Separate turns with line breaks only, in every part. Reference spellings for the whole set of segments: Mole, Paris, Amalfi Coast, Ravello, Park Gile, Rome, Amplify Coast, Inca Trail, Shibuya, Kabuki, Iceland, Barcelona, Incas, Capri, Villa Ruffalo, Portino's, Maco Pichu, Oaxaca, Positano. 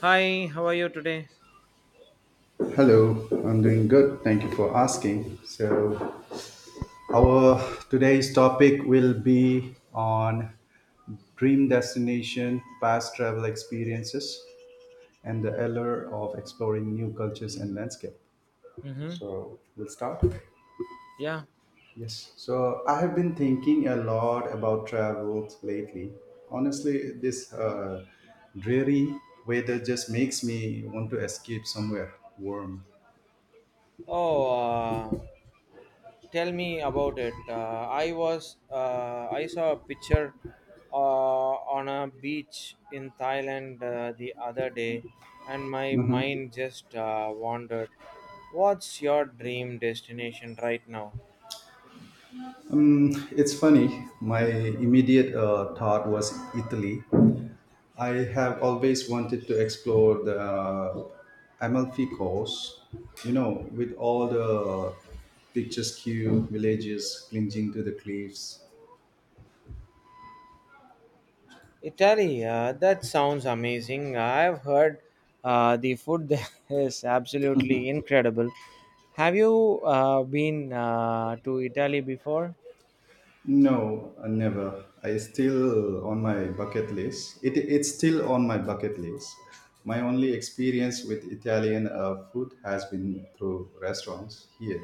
Hi, how are you today?
Hello, I'm doing good. Thank you for asking. So, our today's topic will be on dream destination, past travel experiences, and the allure of exploring new cultures and landscape.
Mm-hmm.
So, we'll start.
Yeah.
Yes. So, I have been thinking a lot about travel lately. Honestly, this dreary weather just makes me want to escape somewhere warm.
Oh, uh, Tell me about it. I saw a picture on a beach in Thailand the other day, and my
Mhm.
mind just wandered. What's your dream destination right now?
Mm, it's funny. My immediate thought was Italy. I have always wanted to explore the Amalfi Coast, you know, with all the picturesque villages clinging to the cliffs.
Italy, that sounds amazing. I've heard the food there is absolutely incredible. Have you been to Italy before?
No, never. I still on my bucket list. It's still on my bucket list. My only experience with Italian food has been through restaurants here,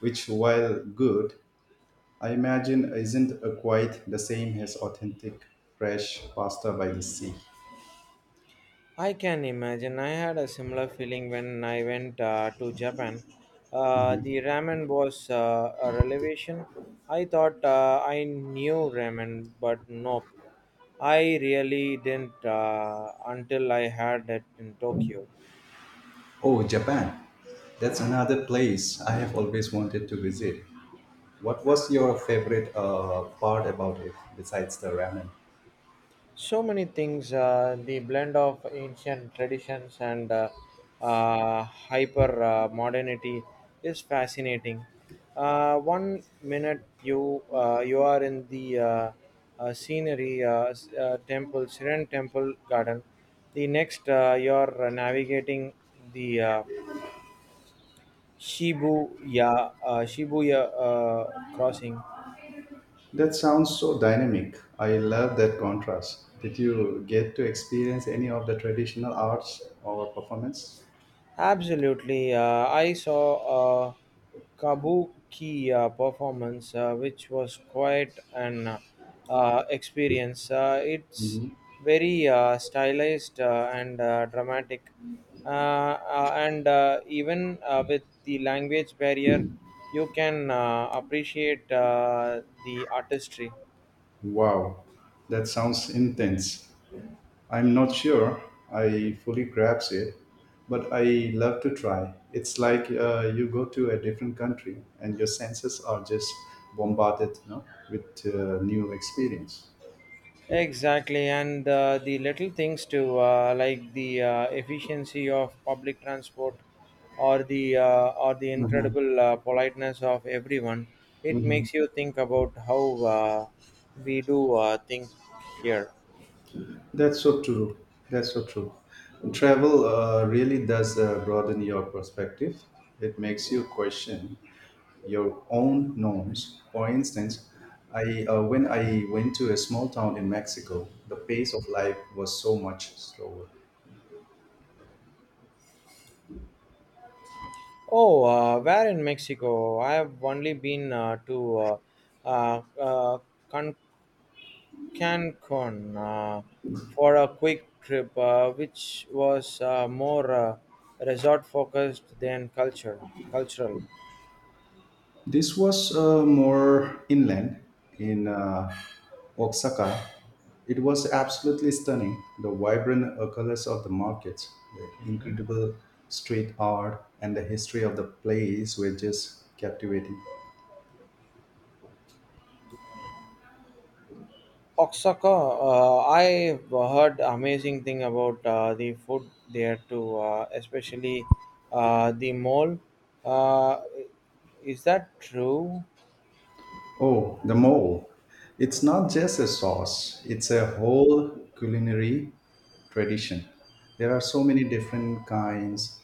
which, while good, I imagine isn't quite the same as authentic fresh pasta by the sea.
I can imagine. I had a similar feeling when I went to Japan. The ramen was a revelation. I thought I knew ramen, but nope. I really didn't until I had it in Tokyo.
Oh, Japan. That's another place I have always wanted to visit. What was your favorite part about it besides the ramen?
So many things, the blend of ancient traditions and hyper modernity is fascinating. One minute you are in the scenery, temple siren temple garden. The next you are navigating the shibuya shibuya crossing.
That sounds so dynamic. I love that contrast. Did you get to experience any of the traditional arts or performance?
Absolutely. I saw a kabuki performance, which was quite an experience. It's very stylized and dramatic, and even with the language barrier, you can appreciate the artistry.
Wow, that sounds intense. I'm not sure I fully grasp it, but I love to try. It's like you go to a different country and your senses are just bombarded, you know, with new experience.
Exactly, and the little things too, like the efficiency of public transport, or the incredible politeness of everyone. It
Mhm.
makes you think about how we do think here.
That's so true. That's so true. Travel really does broaden your perspective. It makes you question your own norms. For instance, I when I went to a small town in Mexico, the pace of life was so much slower.
Oh, where in Mexico? I have only been to uh, uh, uh, Cancun, for a quick trip, which was more resort focused than culture cultural.
This was more inland in Oaxaca. It was absolutely stunning. The vibrant colors of the markets, the incredible street art, and the history of the place were just captivating.
Oaxaca, I heard amazing thing about the food there too, especially the mole. Uh, is that true?
Oh, the mole. It's not just a sauce, it's a whole culinary tradition. There are so many different kinds,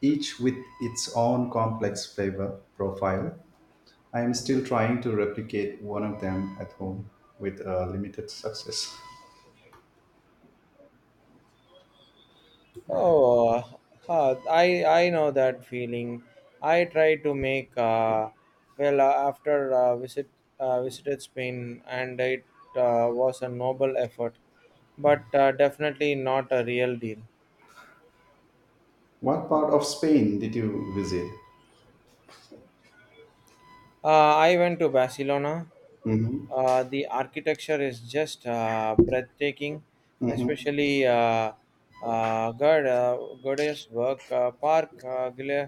each with its own complex flavor profile. I am still trying to replicate one of them at home with limited success.
Oh, I know that feeling. I tried to make well after visit visited Spain, and it was a noble effort, but definitely not a real deal.
What part of Spain did you visit?
I went to Barcelona. The architecture is just breathtaking, especially God, God's work. Park Gile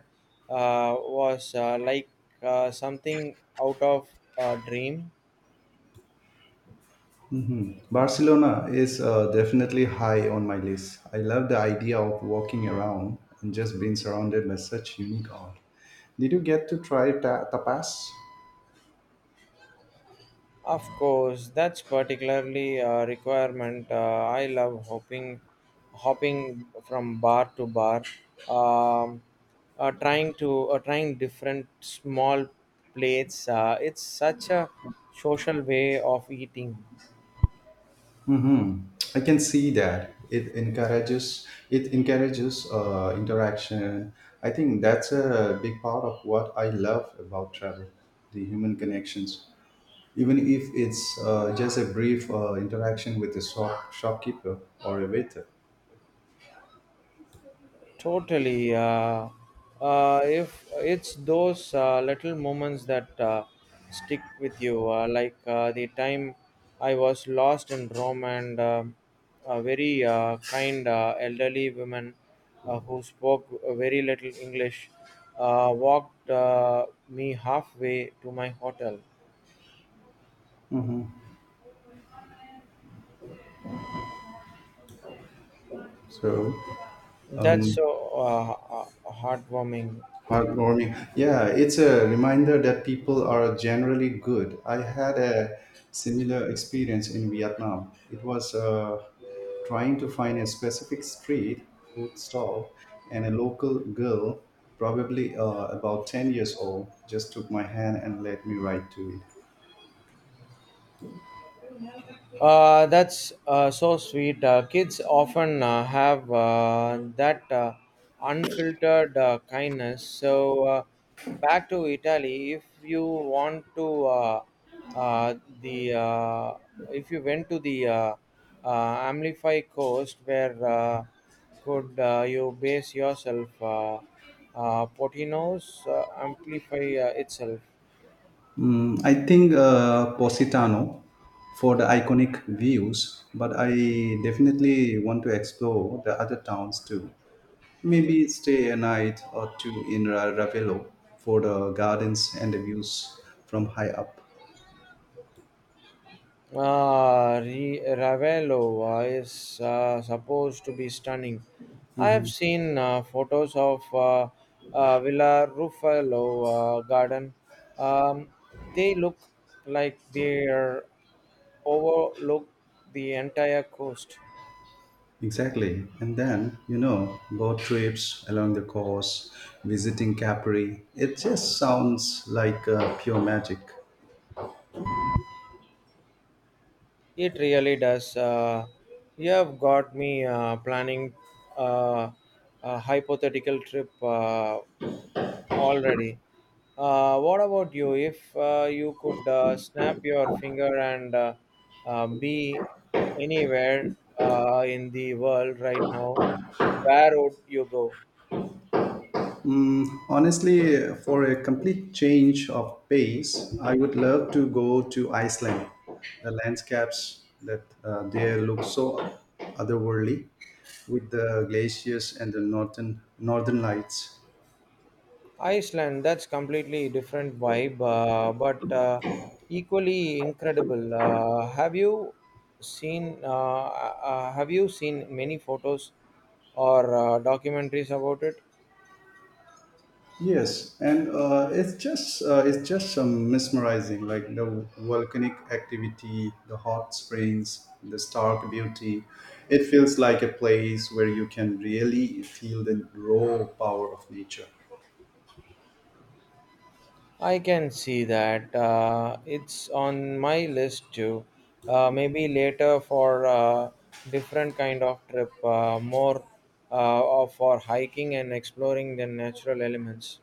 was like something out of a dream.
Barcelona is definitely high on my list. I love the idea of walking around and just being surrounded by such unique art. Did you get to try tapas?
Of course, that's particularly a requirement. I love hopping from bar to bar, um, trying different small plates. It's such a social way of eating.
Mm-hmm. I can see that it encourages interaction. I think that's a big part of what I love about travel, the human connections, even if it's just a brief interaction with a shopkeeper or a waiter.
Totally. If it's those little moments that stick with you, like the time I was lost in Rome, and a very kind elderly woman who spoke very little English, walked me halfway to my hotel.
So,
That's
um,
so uh, heartwarming.
heartwarming. Yeah, it's a reminder that people are generally good. I had a similar experience in Vietnam. It was trying to find a specific street food stall, and a local girl, probably about 10 years old, just took my hand and led me right to it.
That's so sweet. Kids often have that unfiltered kindness. So, back to Italy. If you want to, uh, the if you went to the uh, Amplify Coast, where could you base yourself? Portino's Amplify itself.
Mm, I think Positano for the iconic views, but I definitely want to explore the other towns too. Maybe stay a night or two in Ravello for the gardens and the views from high up.
Ah, Ravello is supposed to be stunning. I have
Mhm.
seen photos of Villa Ruffalo garden. Um, they look like they are overlook the entire coast.
Exactly. And then, you know, boat trips along the coast, visiting Capri. It just sounds like pure magic.
It really does. You have got me planning uh, a hypothetical trip. Already. What about you? If you could snap your finger and be anywhere in the world right now, where would you go?
Mm, honestly, for a complete change of pace, I would love to go to Iceland. The landscapes that there look so otherworldly, with the glaciers and the northern lights.
Iceland, that's completely different vibe, but equally incredible. Have you seen many photos or documentaries about it?
Yes, and it's just some mesmerizing, like the volcanic activity, the hot springs, the stark beauty. It feels like a place where you can really feel the raw power of nature.
I can see that. It's on my list too. Maybe later for a different kind of trip, more of for hiking and exploring the natural elements.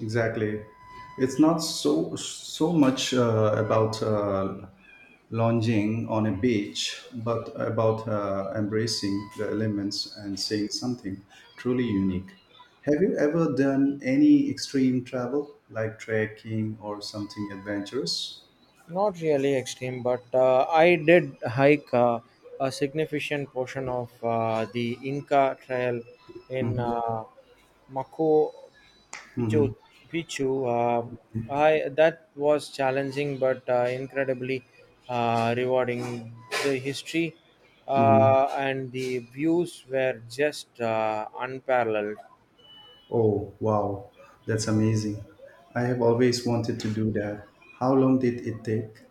Exactly. It's not so much about lounging on a beach, but about embracing the elements and saying something truly unique. Have you ever done any extreme travel, like trekking or something adventurous?
Not really extreme, but I did hike a significant portion of the Inca Trail in
Hmm.
Maco
Hmm.
Pichu, Pichu. Um I That was challenging but incredibly rewarding. The history
Hmm.
and the views were just unparalleled.
Oh, wow, that's amazing. I have always wanted to do that. How long did it take?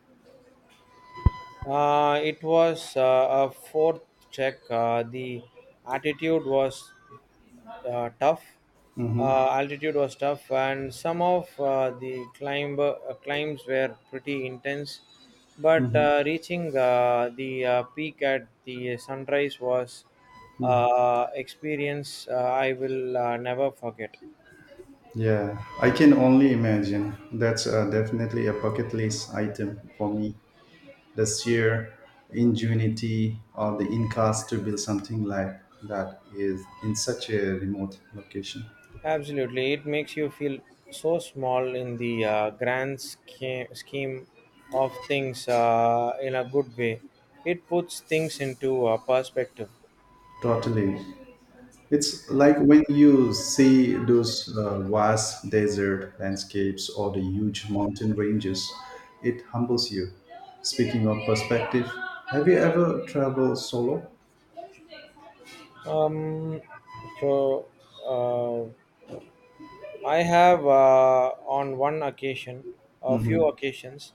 It was a fourth check. The attitude was tough. Altitude was tough, and some of the climb climbs were pretty intense. But reaching the peak at the sunrise was experience I will never forget.
Yeah, I can only imagine. That's definitely a bucket list item for me. The sheer ingenuity of the Incas to build something like that is in such a remote location.
Absolutely, it makes you feel so small in the grand scheme of things, in a good way. It puts things into perspective.
Totally. It's like when you see those vast desert landscapes or the huge mountain ranges, it humbles you. Speaking of perspective, have you ever traveled solo?
Um, so uh, I have, on one occasion, a few
Mhm.
occasions,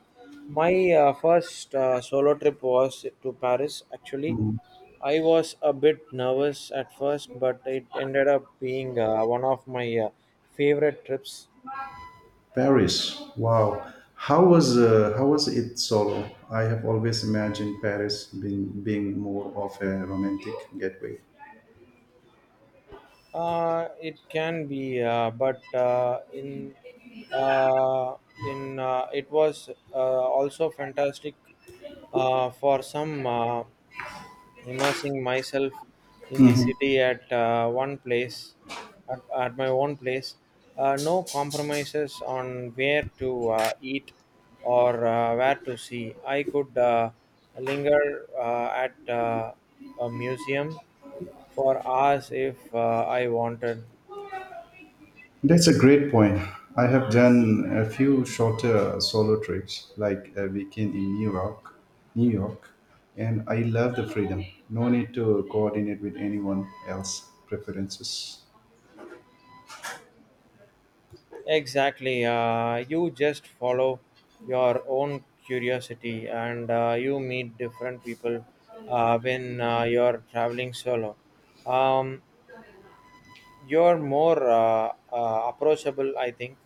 my first solo trip was to Paris. Actually,
Mhm.
I was a bit nervous at first, but it ended up being one of my favorite trips.
Paris. Wow. How was how was it solo? I have always imagined Paris being more of a romantic getaway.
It can be, but uh, in it was also fantastic for some. Immersing myself in the city at one place at my own place, no compromises on where to eat or where to see. I could linger at a museum for hours if I wanted.
That's a great point. I have done a few shorter solo trips, like a weekend in New York, and I love the freedom. No need to coordinate with anyone else preferences.
Exactly. You just follow your own curiosity, and you meet different people when you're traveling solo. Um, you're more approachable, I think.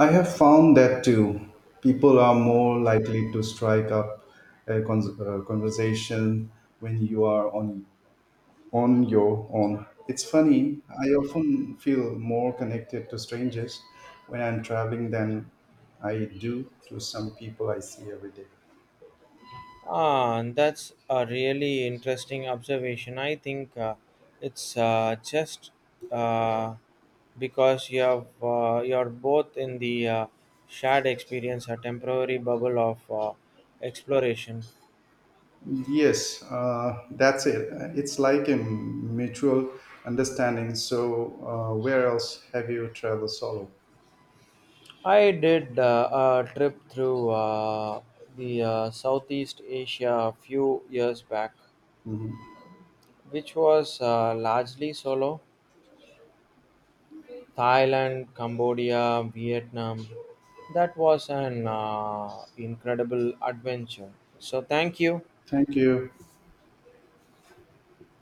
I have found that too. People are more likely to strike up a conversation when you are on your own. It's funny, I often feel more connected to strangers when I'm traveling than I do to some people I see every day.
Ah, and that's a really interesting observation. I think it's just, uh, because you have, you're both in the shared experience, a temporary bubble of exploration.
Yes, that's it. It's like a mutual understanding. So, where else have you traveled solo?
I did a trip through the Southeast Asia a few years back,
Mhm.
which was largely solo. Thailand, Cambodia, Vietnam. That was an incredible adventure. So, thank you.
Thank you.